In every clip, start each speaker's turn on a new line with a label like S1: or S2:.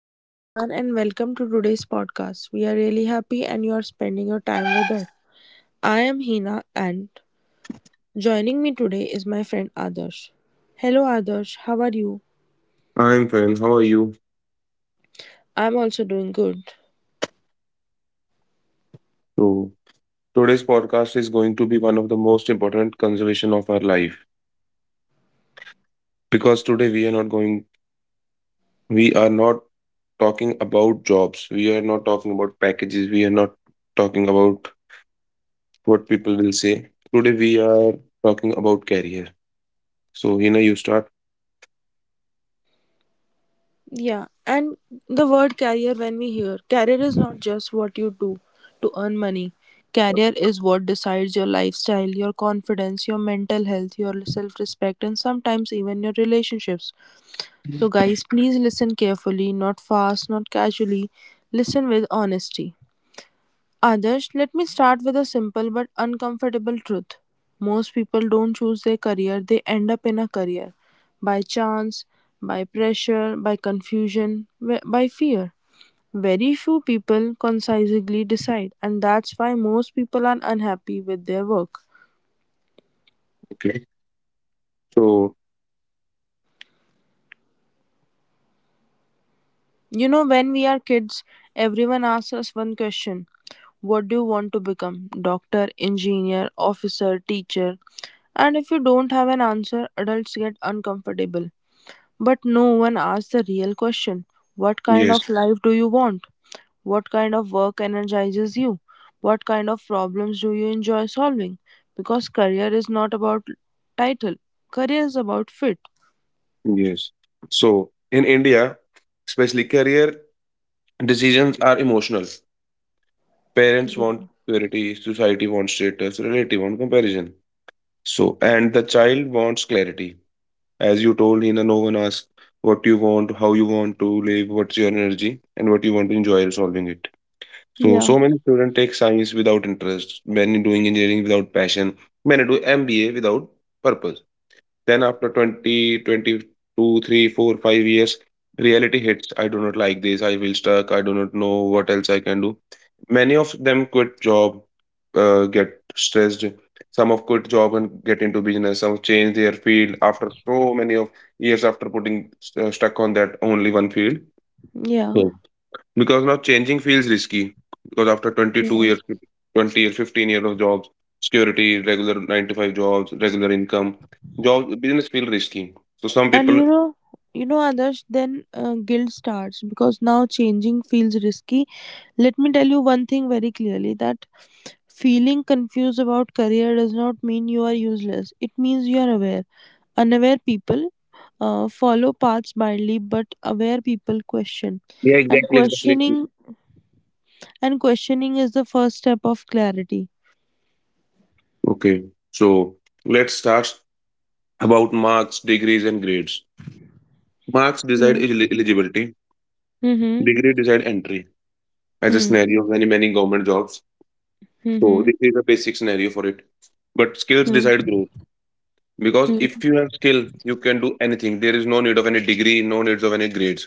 S1: Hello, everyone, and welcome to today's podcast. We are really happy and you are spending your time with us. I am Hina, and joining me today is my friend Adarsh. Hello, Adarsh, how are you?
S2: I'm fine. How are you?
S1: I'm also doing good.
S2: So, today's podcast is going to be one of the most important conservation of our life because today we are not going, we are not talking about jobs. We are not talking about packages. We are not talking about what people will say. Today we are talking about career. So, Hina, you start.
S1: Yeah, and the word career, when we hear, career is not just what you do to earn money. Career is what decides your lifestyle, your confidence, your mental health, your self respect, and sometimes even your relationships. So, guys, please listen carefully, not fast, not casually. Listen with honesty. Others, let me start with a simple but uncomfortable truth. Most people don't choose their career, they end up in a career by chance, by pressure, by confusion, by fear. Very few people concisely decide, and that's why most people are unhappy with their work.
S2: Okay. So,
S1: You know, when we are kids, everyone asks us one question: what do you want to become? Doctor, engineer, officer, teacher. And if you don't have an answer, adults get uncomfortable. But no one asks the real question: what
S2: yes,
S1: kind of life do you want? What kind of work energizes you? What kind of problems do you enjoy solving? Because career is not about title, career is about fit.
S2: yes. In India, especially career decisions are emotional. Parents want purity, society wants status, relative want comparison. So, and the child wants clarity. As you told Hina, no one asks what you want, how you want to live, what's your energy, and what you want to enjoy while solving it. So,
S1: Yeah,
S2: so many students take science without interest, many doing engineering without passion, many do MBA without purpose. Then after 20, 22, three, four, 5 years, reality hits. I do not like this. I will stuck. I do not know what else I can do. Many of them quit job, get stressed. Some of quit job and get into business. Some change their field after so many of years after putting stuck on that only one field.
S1: yeah.
S2: Because now changing feels risky. Because after 22 years, 20 years, 15 years of jobs, security, regular 9 to 5 jobs, regular income, jobs, business feel risky. So some
S1: And
S2: people,
S1: you know, Adarsh, then guilt starts because now changing feels risky. Let me tell you one thing very clearly, that feeling confused about career does not mean you are useless. It means you are aware. Unaware people follow paths blindly, but aware people question.
S2: yeah,
S1: And questioning is the first step of clarity.
S2: Okay. So let's start about marks, degrees, and grades. Marks decide
S1: Hmm.
S2: eligibility,
S1: Mm-hmm.
S2: degree decide entry as a
S1: Hmm.
S2: scenario of many, many government jobs. So
S1: Hmm.
S2: this is a basic scenario for it. But skills
S1: Hmm.
S2: decide growth. Because if
S1: Hmm.
S2: you have skill you can do anything. There is no need of any degree, no needs of any grades,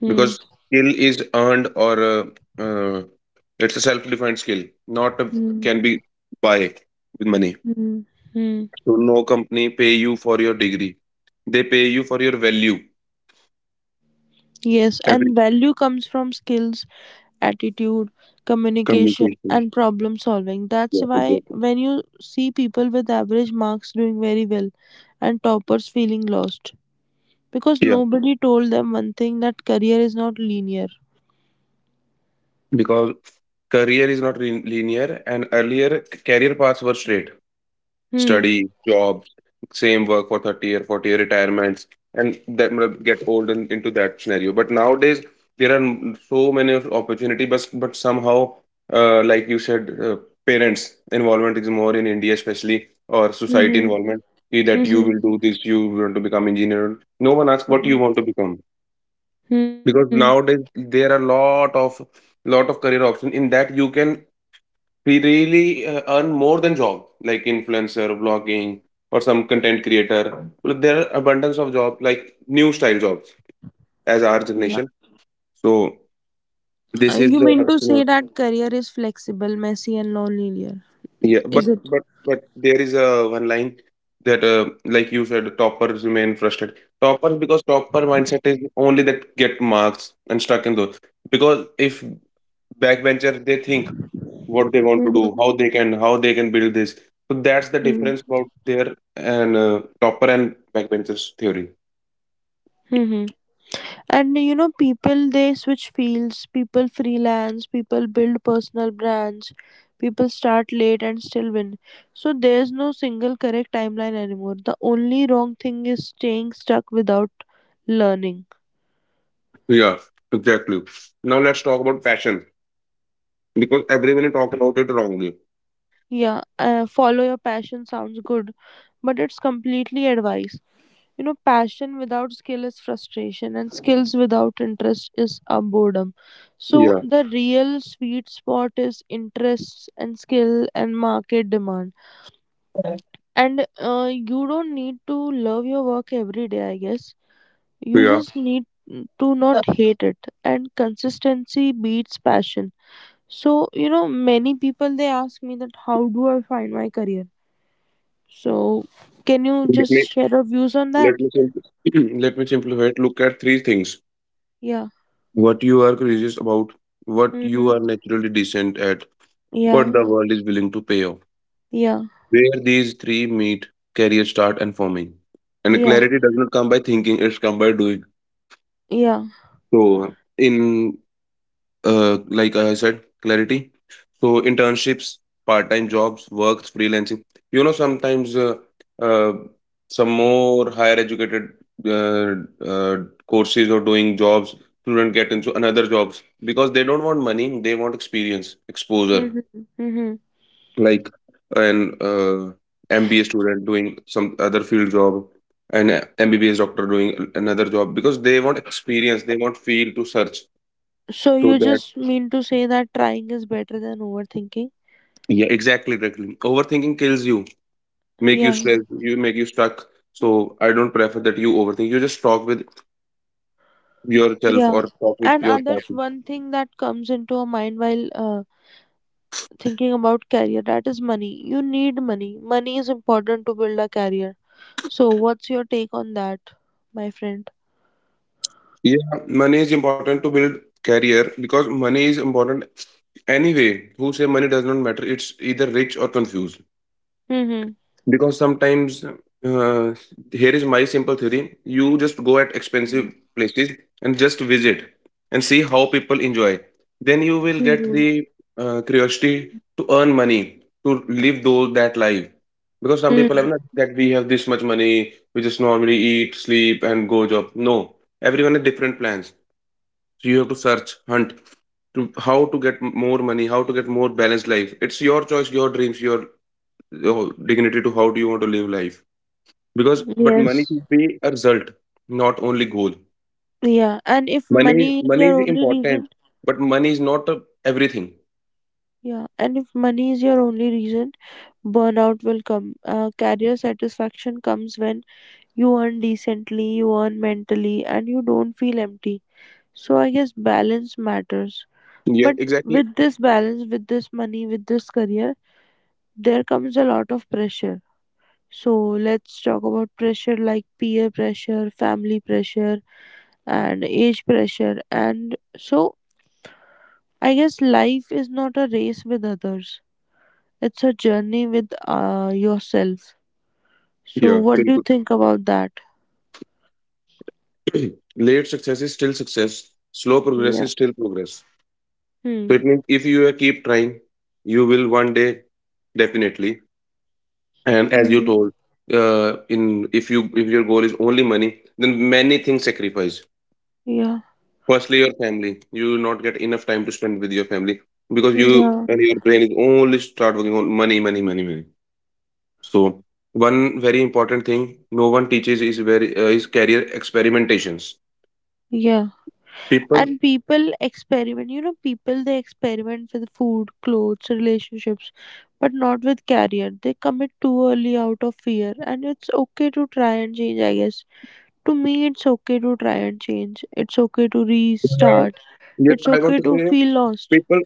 S1: Hmm.
S2: because skill is earned or uh, it's a self-defined skill, not a, can be buy with money.
S1: Hmm. Hmm.
S2: So no company pay you for your degree, they pay you for your value.
S1: Yes,
S2: Every
S1: and value comes from skills, attitude, communication,
S2: communication.
S1: and problem solving. That's
S2: Yeah,
S1: why
S2: exactly.
S1: when you see people with average marks doing very well and toppers feeling lost, because
S2: Yeah,
S1: nobody told them one thing, that career is not linear.
S2: because career is not linear, and earlier career paths were straight.
S1: Hmm.
S2: Study, jobs, same work for 30 year 40-year retirements, and that might get old into that scenario. But nowadays, there are so many of opportunity, but somehow, like you said, parents' involvement is more in India, especially, or society
S1: Mm-hmm.
S2: involvement ki that you
S1: Mm-hmm.
S2: will do this, you want to become engineer. No one asks what you want to become,
S1: Hmm.
S2: because nowadays there are lot of career options, in that you can, we really earn more than job like influencer blogging or some content creator. Well, there are abundance of job like new style jobs as our
S1: Yeah.
S2: generation. So
S1: Uh,
S2: this is
S1: You
S2: the,
S1: mean to say that career is flexible, messy, and non-linear?
S2: yeah, but
S1: Is it?
S2: but there is a one line that, like you said, toppers remain frustrated toppers because topper mindset is only that get marks and stuck in those. Because if backbencher, they think what they want to
S1: Mm-hmm.
S2: do, how they can build this. So that's the difference about their and topper and backbenchers theory.
S1: Mm-hmm. And you know, people they switch fields, people freelance, people build personal brands, people start late and still win. So there's no single correct timeline anymore. The only wrong thing is staying stuck without learning.
S2: Yeah, exactly. Now let's talk about fashion because everyone talk about it wrongly.
S1: Yeah, follow your passion sounds good, but it's completely advice. You know, passion without skill is frustration, and skills without interest is a boredom. So,
S2: Yeah,
S1: the real sweet spot is interests and skill and market demand. And you don't need to love your work every day, I guess. You
S2: yeah.
S1: just need to not hate it. And consistency beats passion. So, you know, many people they ask me, that how do I find my career? So, can you
S2: Let me
S1: just share your views on that?
S2: let me simplify it. Look at 3 things:
S1: Yeah.
S2: what you are curious about, what you
S1: Hmm.
S2: are naturally decent at, what
S1: Yeah.
S2: the world is willing to pay off.
S1: Yeah.
S2: Where these three meet, career start and forming. And
S1: Yeah,
S2: clarity does not come by thinking; it's come by doing.
S1: yeah.
S2: So in, like I said, clarity. So internships, part-time jobs, works, freelancing. You know, sometimes uh, some more higher educated uh, uh, courses or doing jobs, student get into another jobs because they don't want money. They want experience, exposure.
S1: Mm-hmm. Mm-hmm.
S2: Like an MBA student doing some other field job, and MBBS doctor doing another job because they want experience. They want field to search
S1: So
S2: so
S1: you
S2: that.
S1: just mean to say that trying is better than overthinking?
S2: Yeah, Overthinking kills you, make you
S1: Yeah,
S2: stressed, you make you stuck. So I don't prefer that you overthink. You just talk with yourself
S1: yeah.
S2: or talk with
S1: And
S2: your
S1: others,
S2: partner.
S1: one thing that comes into our mind while thinking about career, that is money. You need money. Money is important to build a career. So what's your take on that, my friend?
S2: Yeah, money is important to build career because money is important anyway. Who say money does not matter? It's either rich or confused.
S1: Mm-hmm.
S2: Because sometimes, here is my simple theory. You just go at expensive places and just visit and see how people enjoy, then you will get
S1: Mm-hmm.
S2: the curiosity to earn money, to live those that life. Because some people
S1: Mm-hmm.
S2: have not that we have this much money, we just normally eat sleep and go job. No, everyone has different plans. So you have to search hunt to how to get more money, how to get more balanced life. It's your choice, your dreams, your dignity to how do you want to live life. Because but money
S1: Yes.
S2: should be a result, not only goal.
S1: Yeah. And if money is
S2: Money
S1: your
S2: is
S1: only
S2: important,
S1: reason,
S2: but money is not a, everything.
S1: yeah. And if money is your only reason, burnout will come. Career satisfaction comes when you earn decently, you earn mentally, and you don't feel empty. So I guess balance matters.
S2: Yeah,
S1: But
S2: exactly.
S1: with this balance, with this money, with this career, there comes a lot of pressure. So let's talk about pressure like peer pressure, family pressure, and age pressure. And so I guess life is not a race with others, it's a journey with yourself. So,
S2: Yeah,
S1: what
S2: very
S1: do you think about that?
S2: good. Late success is still success, slow progress
S1: Yeah.
S2: is still progress.
S1: Hmm.
S2: So it means if you keep trying you will one day definitely. And as you
S1: Mm-hmm.
S2: told, in if you, if your goal is only money, then many things sacrifice.
S1: Yeah.
S2: Firstly, your family. You will not get enough time to spend with your family because you
S1: Yeah.
S2: and your brain is only start working on money. So one very important thing no one teaches is very is career experimentations.
S1: Yeah.
S2: People,
S1: And people experiment. You know, people they experiment with food, clothes, relationships, but not with career. They commit too early out of fear, and it's okay to try and change. I guess, to me, it's okay to try and change. It's okay to
S2: uh,
S1: restart.
S2: yes,
S1: It's
S2: I want
S1: okay
S2: to
S1: to
S2: say
S1: feel lost.
S2: people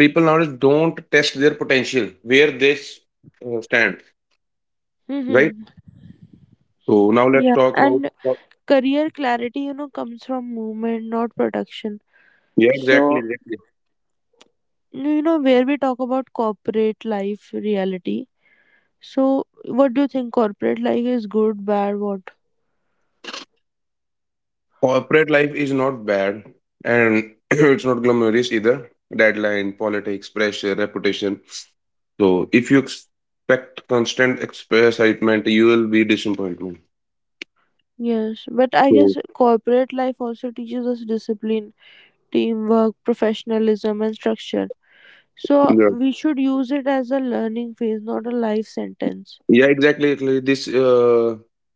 S2: people nowadays don't test their potential where they stand, right?
S1: Mm-hmm.
S2: So now let's
S1: Yeah.
S2: talk about,
S1: And career clarity, you know, comes from movement, not production.
S2: yeah,
S1: So no, you know, where we talk about corporate life reality, so what do you think? Corporate life is good, bad, what?
S2: Corporate life is not bad, and it's not glamorous either. Deadline, politics, pressure, reputation. So if you expect constant excitement, you will be disappointed.
S1: Yes, but I
S2: So
S1: guess corporate life also teaches us discipline, teamwork, professionalism, and structure. So
S2: yeah,
S1: we should use it as a learning phase, not a life sentence.
S2: yeah, This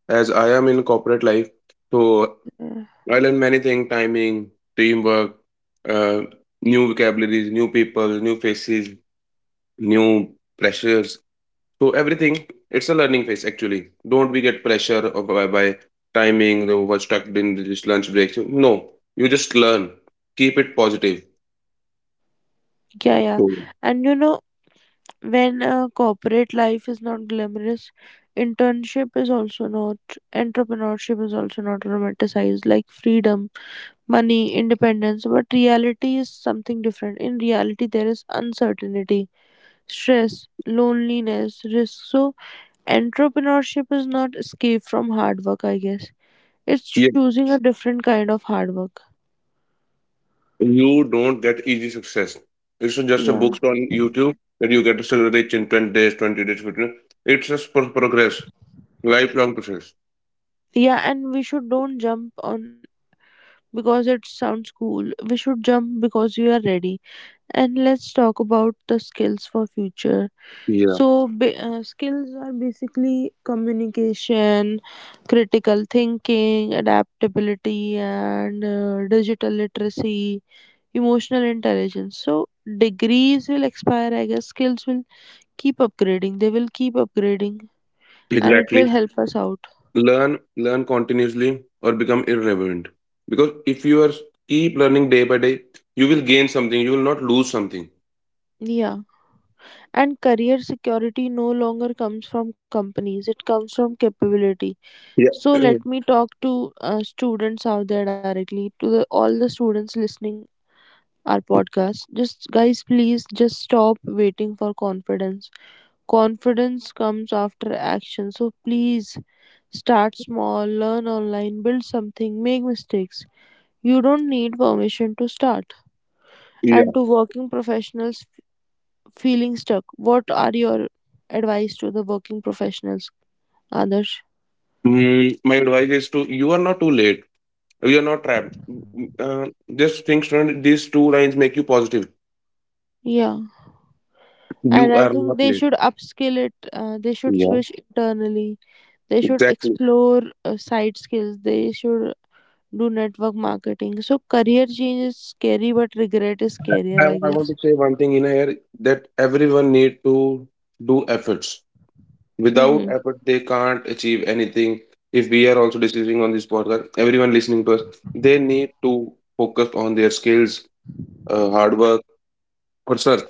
S2: as I am in corporate life, so
S1: Uh,
S2: I learn many things: timing, teamwork, uh, new vocabularies, new people, new faces, new pressures. So everything, it's a learning phase actually. Don't we get pressure of by timing, you know, we're stuck in this lunch break. No, you just learn. Keep it positive.
S1: yeah yeah.
S2: So
S1: And you know, when corporate life is not glamorous, internship is also not, entrepreneurship is also not romanticized like freedom, money, independence, but reality is something different. In reality, there is uncertainty, stress, loneliness, risk. So, entrepreneurship is not escape from hard work, I guess. It's
S2: yeah,
S1: choosing a different kind of hard work.
S2: you don't get easy success. It's not just a
S1: Yeah.
S2: books on YouTube that you get so rich in 10 days, 20 days, 15. Days. It's just progress, lifelong process.
S1: Yeah, and we should don't jump on because it sounds cool. We should jump because we are ready. And let's talk about the skills for future.
S2: Yeah.
S1: So, skills are basically communication, critical thinking, adaptability, and digital literacy, emotional intelligence. So, degrees will expire, I guess. Skills will keep upgrading, and it will
S2: Exactly.
S1: help us out.
S2: Learn, learn continuously or become irrelevant. Because if you are keep learning day by day, you will gain something. You will not lose something.
S1: Yeah. And career security no longer comes from companies, it comes from capability.
S2: Yeah.
S1: So,
S2: Mm.
S1: let me talk to students out there directly, to all the students listening our podcast. Just guys, please just stop waiting for confidence. Confidence comes after action. So please start small, learn online, build something, make mistakes. You don't need permission to start. And
S2: Yeah.
S1: to working professionals feeling stuck, what are your advice to the working professionals, Adarsh?
S2: Mm, my advice is to you are not too late. You are not trapped. Just think, Shrun, these 2 lines make you positive.
S1: Yeah,
S2: You
S1: and I
S2: are
S1: think
S2: not
S1: they
S2: late.
S1: should upskill it. They should
S2: Yeah,
S1: switch internally. They should
S2: exactly.
S1: explore side skills. They should do network marketing. So career change is scary, but regret is
S2: I,
S1: scarier, I
S2: I want
S1: guess.
S2: to say one thing in here that everyone need to do efforts.
S1: Mm-hmm.
S2: Without effort, they can't achieve anything. If we are also discussing on this podcast, everyone listening to us, they need to focus on their skills, hard work, or search.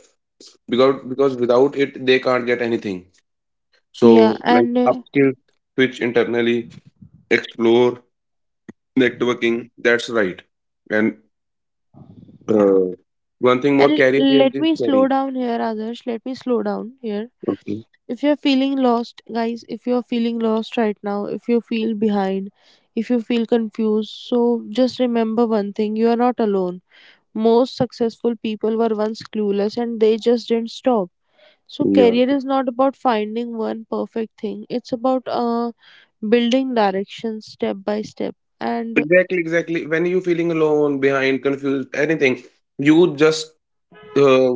S2: Because without it, they can't get anything.
S1: Yeah,
S2: So, like
S1: and uh,
S2: upskill, switch internally, explore networking. That's right. And uh, one thing more,
S1: and
S2: career change
S1: let
S2: is
S1: me
S2: career.
S1: slow down here, others. Let me slow down here.
S2: Okay.
S1: If you're feeling lost, guys, if you're feeling lost right now, if you feel behind, if you feel confused, so just remember one thing: you are not alone. Most successful people were once clueless, and they just didn't stop. So
S2: Yeah.
S1: career is not about finding one perfect thing. It's about building direction step by step. And
S2: Exactly. When you're feeling alone, behind, confused, anything, you just uh,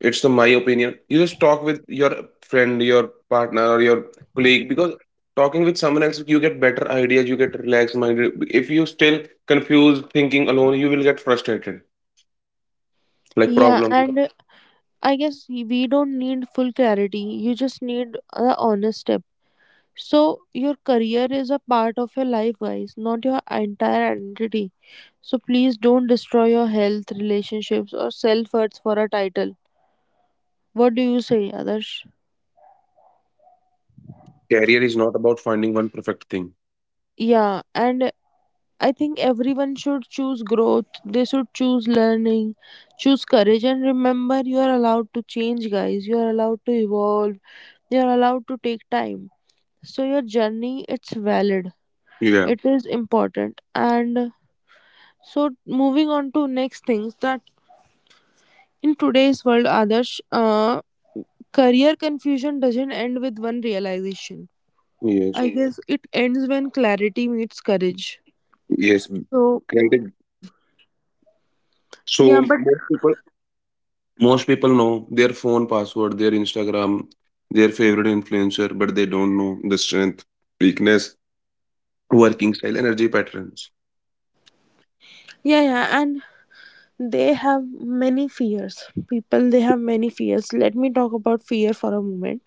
S2: it's the my opinion. You just talk with your friend, your partner, or your colleague, because talking with someone else, you get better ideas. You get relaxed minded. If you still confused, thinking alone, you will get frustrated. Like
S1: yeah,
S2: problems.
S1: and I guess we don't need full clarity. You just need a honest step. So your career is a part of your life, guys, not your entire identity. So please don't destroy your health, relationships, or self worth for a title. What do you say, Adarsh?
S2: Career is not about finding one perfect thing.
S1: Yeah, and I think everyone should choose growth, they should choose learning, choose courage, and remember, you are allowed to change, guys. You are allowed to evolve, you are allowed to take time. So, your journey, it's valid,
S2: Yeah.
S1: it is important. And so, moving on to next things, that in today's world, Adarsh, career confusion doesn't end with one realization.
S2: Yes.
S1: I guess it ends when clarity meets courage.
S2: Yes.
S1: So,
S2: Granted. So
S1: yeah, but
S2: most people. Most people know their phone password, their Instagram, their favorite influencer, but they don't know the strength, weakness, working style, energy patterns.
S1: yeah, yeah, and they have many fears. Let me talk about fear for a moment,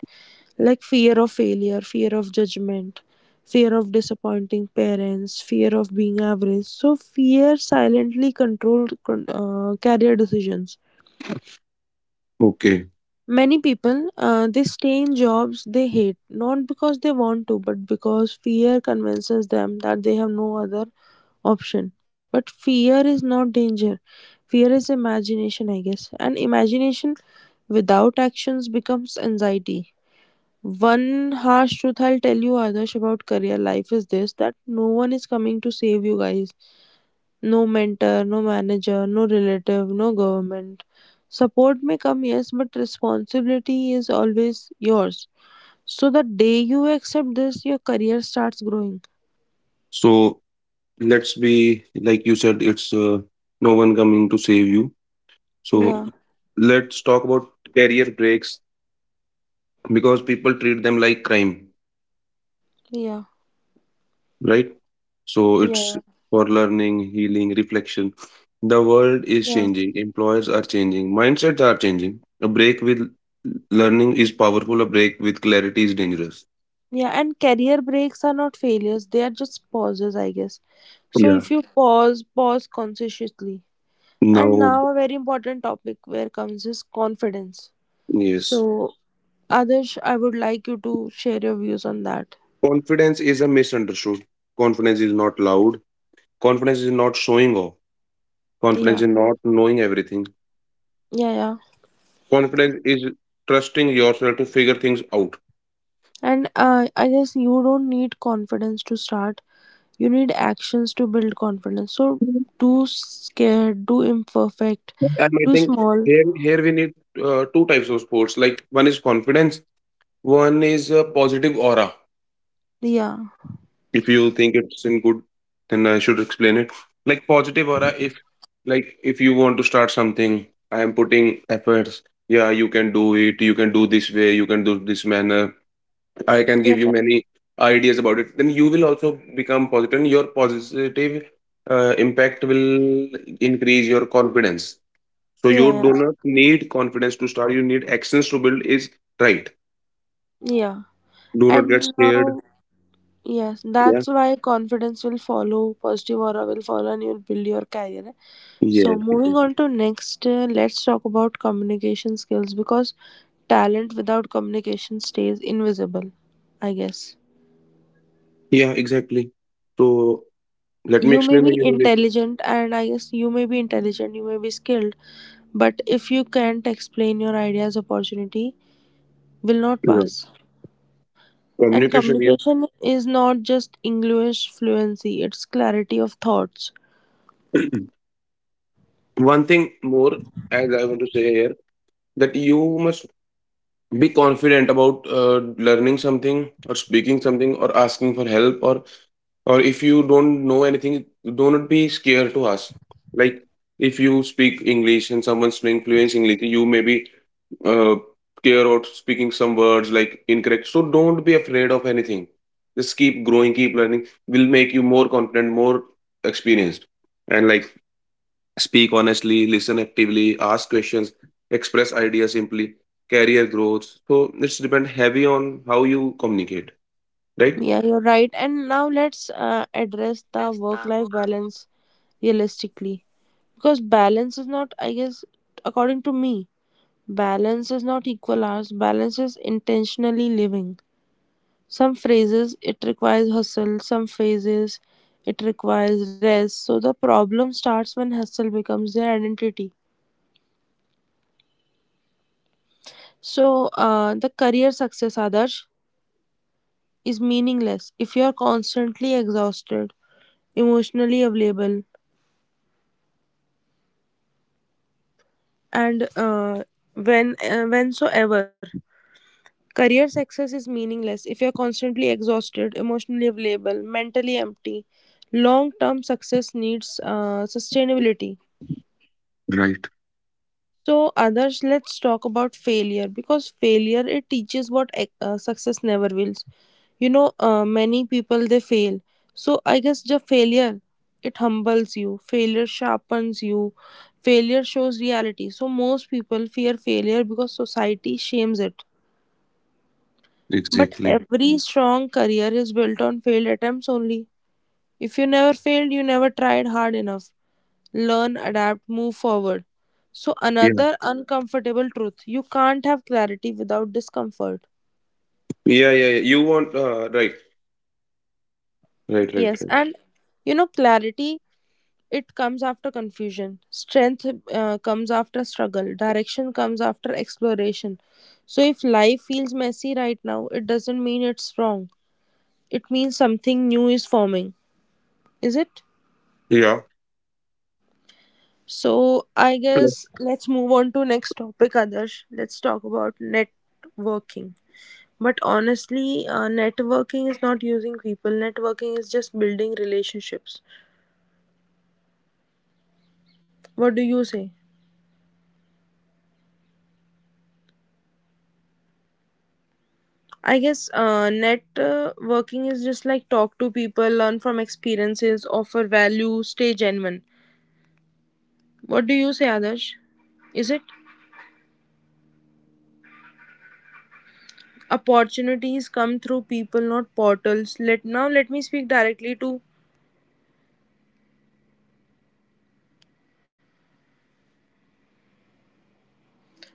S1: like fear of failure, fear of judgment, fear of disappointing parents, fear of being average. So fear silently controlled career decisions.
S2: Okay.
S1: Many people they stay in jobs they hate, not because they want to, but because fear convinces them that they have no other option. But fear is not danger. Fear is imagination, I guess. And imagination without actions becomes anxiety. One harsh truth I'll tell you, Adarsh, about career life is this, that no one is coming to save you guys. No mentor, no manager, no relative, no government. Support may come, yes, but responsibility is always yours. So the day you accept this, your career starts growing.
S2: So let's be, like you said, it's no one coming to save you. So
S1: Yeah,
S2: let's talk about career breaks because people treat them like crime,
S1: yeah,
S2: right? So it's
S1: yeah,
S2: for learning, healing, reflection. The world is
S1: yeah.
S2: changing, employers are changing, mindsets are changing. A break with learning is powerful, a break with clarity is dangerous.
S1: Yeah, and career breaks are not failures, they are just pauses, I guess. So
S2: Yeah.
S1: if you pause, pause consciously. And
S2: Now,
S1: now a very important topic where comes is confidence.
S2: yes,
S1: So Adarsh, I would like you to share your views on that.
S2: confidence is a misunderstood. Confidence is not loud. Confidence is not showing off. Confidence
S1: Yeah.
S2: is not knowing everything.
S1: Yeah, yeah.
S2: Confidence is trusting yourself to figure things out.
S1: And I guess you don't need confidence to start. You need actions to build confidence. So do scared, do imperfect,
S2: And I
S1: do
S2: think
S1: small.
S2: here here we need 2 types of sports. Like one is confidence, one is a positive aura.
S1: Yeah.
S2: If you think it's in good, then I should explain it. Like positive aura, if, like if you want to start something, I am putting efforts. Yeah, you can do it. You can do this way. You can do this manner. I can
S1: Yeah.
S2: give you many ideas about it. Then you will also become positive, and your positive impact will increase your confidence. So
S1: Yeah.
S2: you do
S1: Yeah.
S2: not need confidence to start. You need actions to build is right.
S1: Yeah.
S2: Do not get
S1: And
S2: scared.
S1: now, yes,
S2: Yeah.
S1: that's why confidence will follow, positive aura will follow, and you'll build your career.
S2: Yeah.
S1: So moving
S2: Exactly.
S1: on to next, let's talk about communication skills, because talent without communication stays invisible, I guess.
S2: Yeah. Exactly. So let me
S1: you may
S2: explain
S1: be
S2: again. Like,
S1: intelligent and i guess you may be intelligent, you may be skilled, but if you can't explain your ideas, opportunity will not
S2: yeah.
S1: pass. And
S2: Communication. Yeah.
S1: communication is not just English fluency, it's clarity of thoughts.
S2: One thing more, as I want to say here, that you must be confident about learning something or speaking something or asking for help or if you don't know anything, do not be scared to ask. Like if you speak English and someone's speaking fluent English, you may be uh, care about speaking some words like incorrect, so don't be afraid of anything. Just keep growing, keep learning, will make you more confident, more experienced. And like, speak honestly, listen actively, ask questions, express ideas simply. Career growth, so it's depend heavy on how you communicate, right?
S1: Yeah, you're right. And now let's address the work life balance realistically, because balance is not, I guess, according to me, balance is not equal hours, balance is intentionally living. Some phases it requires hustle, some phases it requires rest. So the problem starts when hustle becomes their identity. So the career success, Adarsh, is meaningless if you are constantly exhausted, emotionally available, and whensoever. Career success is meaningless if you are constantly exhausted, emotionally available, mentally empty. Long-term success needs sustainability. So, others, let's talk about failure because failure it teaches what success never will. Many people they fail. So, I guess the failure it humbles you, failure sharpens you, failure shows reality. So, most people fear failure because society shames it. But every strong career is built on failed attempts only. If you never failed, you never tried hard enough. Learn, adapt, move forward. So, another uncomfortable truth: you can't have clarity without discomfort. Yes, and clarity it comes after confusion, strength comes after struggle, direction comes after exploration. So, if life feels messy right now, it doesn't mean it's wrong, it means something new is forming, is it? So, I guess let's move on to next topic, Adarsh. Let's talk about networking. But honestly, networking is not using people. Networking is just building relationships. What do you say? I guess networking is just like talk to people, learn from experiences, offer value, stay genuine. What do you say, Adarsh? Is it opportunities come through people, not portals? Let now let me speak directly to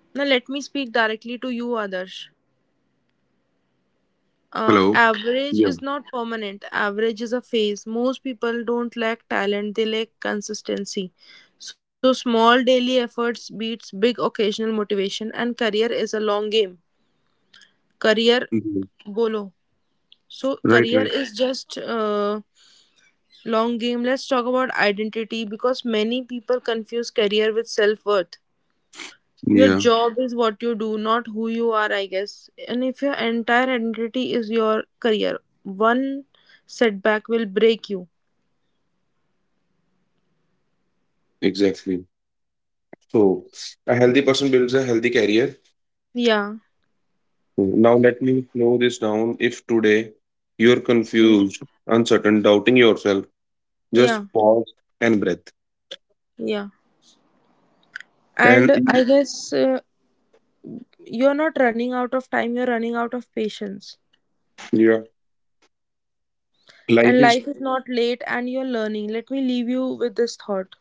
S1: Now let me speak directly to you, Adarsh.
S2: Hello.
S1: Average
S2: Yeah.
S1: is not permanent. Average is a phase. Most people don't lack talent, they lack consistency. So, small daily efforts beats big occasional motivation, and career is a long game. Career,
S2: Mhm.
S1: bolo. So,
S2: Right,
S1: career
S2: right.
S1: is just long game. Let's talk about identity because many people confuse career with self worth. Your
S2: Yeah,
S1: job is what you do, not who you are, I guess. And if your entire identity is your career, one setback will break you.
S2: exactly. So, a healthy person builds a healthy career.
S1: Yeah.
S2: Now, let me slow this down. If today you're
S1: Mm.
S2: confused, uncertain, doubting yourself, just
S1: Yeah.
S2: pause and breathe.
S1: Yeah.
S2: And
S1: And I guess you're not running out of time, you're running out of patience.
S2: yeah, life
S1: And
S2: is
S1: life is not late and you're learning. Let me leave you with this thought.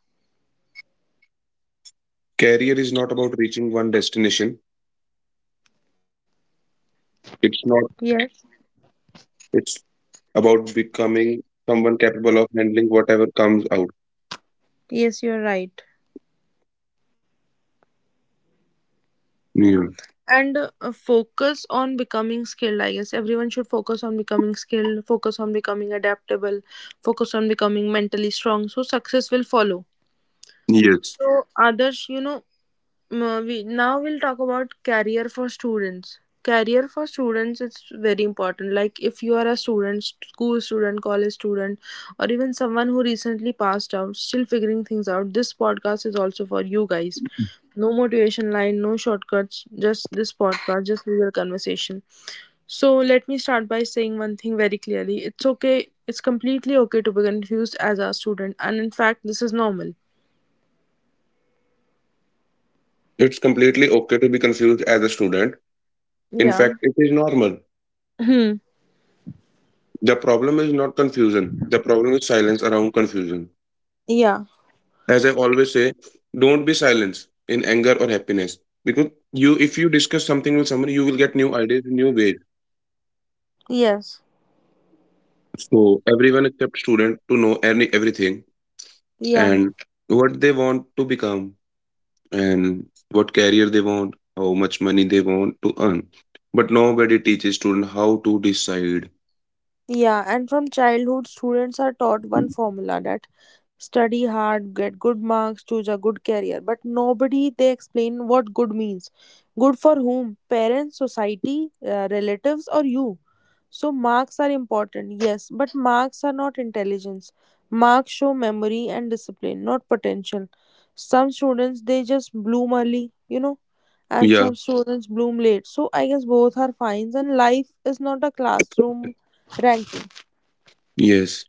S2: career is not about reaching one destination. It's not,
S1: Yes.
S2: it's about becoming someone capable of handling whatever comes out.
S1: Yes, you're right.
S2: Yeah.
S1: And focus on becoming skilled, I guess everyone should focus on becoming skilled, focus on becoming adaptable, focus on becoming mentally strong, so success will follow.
S2: Yes.
S1: So others, we now we'll talk about career for students. Career for students is very important. Like if you are a student, school student, college student, or even someone who recently passed out still figuring things out, this podcast is also for you guys. No motivation line, no shortcuts, just this podcast, just real conversation. So let me start by saying one thing very clearly: it's okay, it's completely okay to be confused as a student, and in fact this is normal.
S2: It's completely okay to be confused as a student. In
S1: Yeah.
S2: fact, it is normal.
S1: Hmm.
S2: The problem is not confusion. The problem is silence around confusion.
S1: Yeah.
S2: As I always say, don't be silent in anger or happiness. Because you if you discuss something with someone, you will get new ideas, new ways.
S1: Yes.
S2: So everyone except student to know any everything
S1: Yeah,
S2: and what they want to become and what career they want, how much money they want to earn. But nobody teaches student how to decide.
S1: yeah, and from childhood, students are taught one formula, that study hard, get good marks, choose a good career. But nobody they explain what good means. Good for whom? Parents, society, relatives, or you? So, marks are important, yes, but marks are not intelligence. Marks show memory and discipline, not potential. Some students they just bloom early, you know. And
S2: Yeah,
S1: some students bloom late. So I guess both are fines, and life is not a classroom ranking.
S2: yes.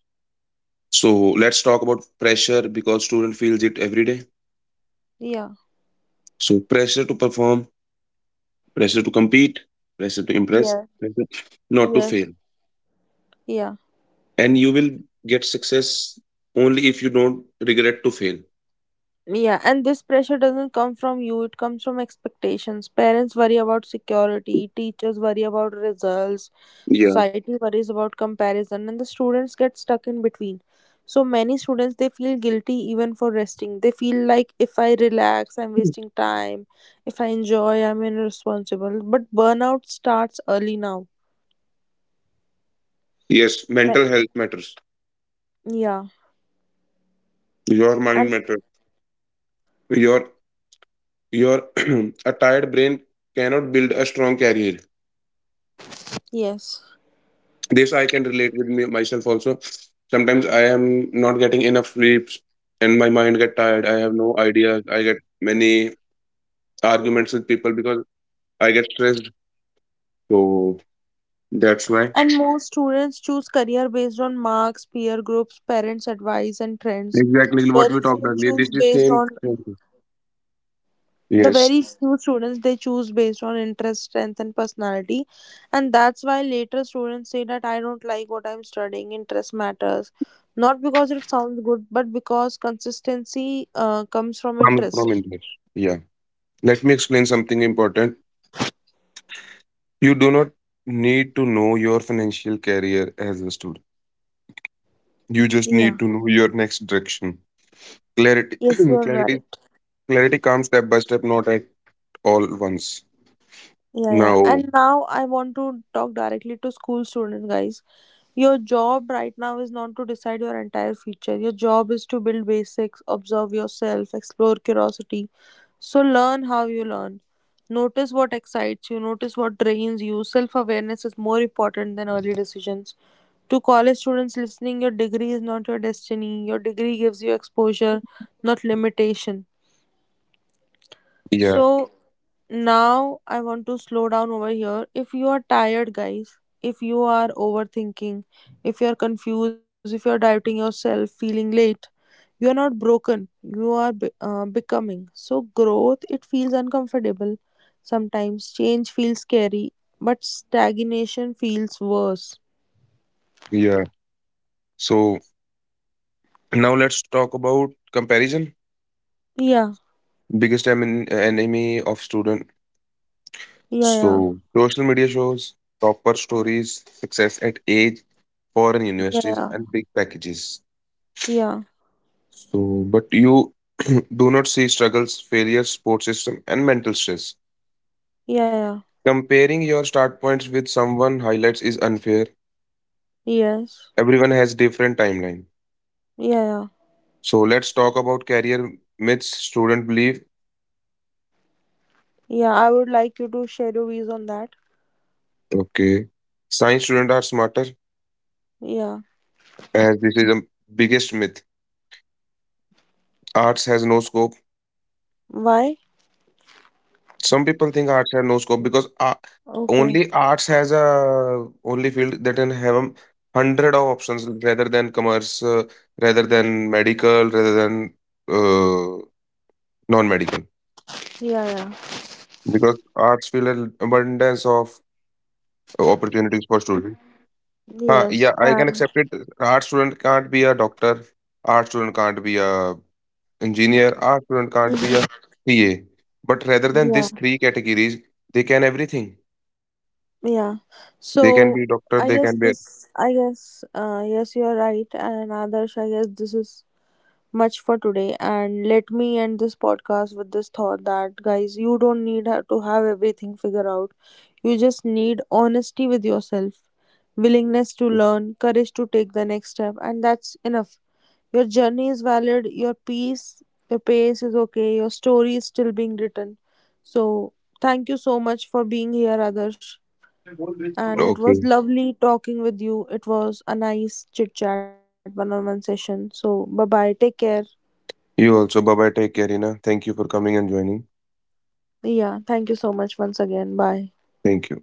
S2: So let's talk about pressure because student feels it every day.
S1: Yeah.
S2: So pressure to perform, pressure to compete, pressure to impress,
S1: Yeah.
S2: pressure not to fail.
S1: Yes. Yeah.
S2: And you will get success only if you don't regret to fail.
S1: Yeah, and this pressure doesn't come from you, it comes from expectations. Parents worry about security, teachers worry about results,
S2: Yeah.
S1: society worries about comparison, and the students get stuck in between. So many students they feel guilty even for resting. They feel like if I relax, I'm wasting time. If I enjoy, I'm irresponsible. But burnout starts early now.
S2: Yes,
S1: Ma-
S2: mental health matters.
S1: Yeah,
S2: Your mind
S1: and
S2: matters. Your your a tired brain cannot build a strong career.
S1: yes.
S2: This I can relate with me myself also. Sometimes I am not getting enough sleeps and my mind get tired. I have no ideas. I get many arguments with people because I get stressed. So that's why
S1: And most students choose career based on marks, peer groups, parents' advice, and trends.
S2: exactly what
S1: Very
S2: we talked
S1: few
S2: earlier. This
S1: choose
S2: is
S1: based
S2: same.
S1: on The
S2: Yes,
S1: very few students they choose based on interest, strength, and personality. And that's why later students say that I don't like what I'm studying, interest matters. Not because it sounds good, but because consistency comes from
S2: comes from
S1: interest.
S2: India. Yeah. Let me explain something important. You do not need to know your financial career as a student. You just
S1: Yeah.
S2: need to know your next direction. Clarity,
S1: Yes, you're right.
S2: clarity, clarity comes step by step, not at all once.
S1: Yeah, yeah.
S2: Now,
S1: And now I want to talk directly to school students, guys. Your job right now is not to decide your entire future. Your job is to build basics, observe yourself, explore curiosity. So learn how you learn. Notice what excites you, notice what drains you. Self awareness is more important than early decisions. To college students listening, your degree is not your destiny. Your degree gives you exposure, not limitation.
S2: yeah,
S1: So, now I want to slow down over here. If you are tired, guys, if you are overthinking, if you are confused, if you are doubting yourself, feeling late, you are not broken. You are becoming. So growth, it feels uncomfortable. Sometimes change feels scary, but stagnation feels worse.
S2: yeah. So now let's talk about comparison.
S1: Yeah,
S2: Biggest enemy of student.
S1: yeah,
S2: So, social media shows topper stories, success at age, foreign
S1: yeah,
S2: universities,
S1: yeah,
S2: and big packages.
S1: yeah,
S2: So, but you do not see struggles, failures, sports system, and mental stress.
S1: yeah, yeah. Yeah.
S2: Comparing your start points with someone highlights is unfair.
S1: Yes,
S2: Everyone has different timeline.
S1: yeah, yeah,
S2: So, let's talk about career myths student believe.
S1: yeah. I would like you to share your views on that.
S2: Okay, science students are smarter,
S1: Yeah.
S2: as this is the biggest myth. Arts has no scope.
S1: Why?
S2: Some people think arts have no scope because
S1: Okay.
S2: only arts has a only field that can have a hundred of options rather than commerce, rather than medical, rather than uh, non-medical.
S1: Yeah, yeah,
S2: Because arts field an abundance of opportunities for students. Huh,
S1: yes,
S2: yeah, I can
S1: and
S2: accept it. Art student can't be a doctor. Art student can't be a engineer. Art student can't be a
S1: mhm,
S2: CA. But rather than
S1: yeah,
S2: these three categories, they can everything.
S1: yeah. So
S2: They can be
S1: I
S2: doctor.
S1: guess
S2: They can be a-
S1: this, I guess, yes, you are right, and Adarsh, I guess this is much for today, and let me end this podcast with this thought, that guys, you don't need to have everything figured out. You just need honesty with yourself, willingness to learn, courage to take the next step, and that's enough. Your journey is valid, your peace, your pace is okay, your story is still being written. So thank you so much for being here, Adarsh. And it was
S2: okay.
S1: lovely talking with you. It was a nice chit chat one on one session. So bye bye. Take care.
S2: You also. Bye bye. Take care, Hina. Thank you for coming and joining.
S1: Yeah, thank you so much once again. Bye.
S2: Thank you.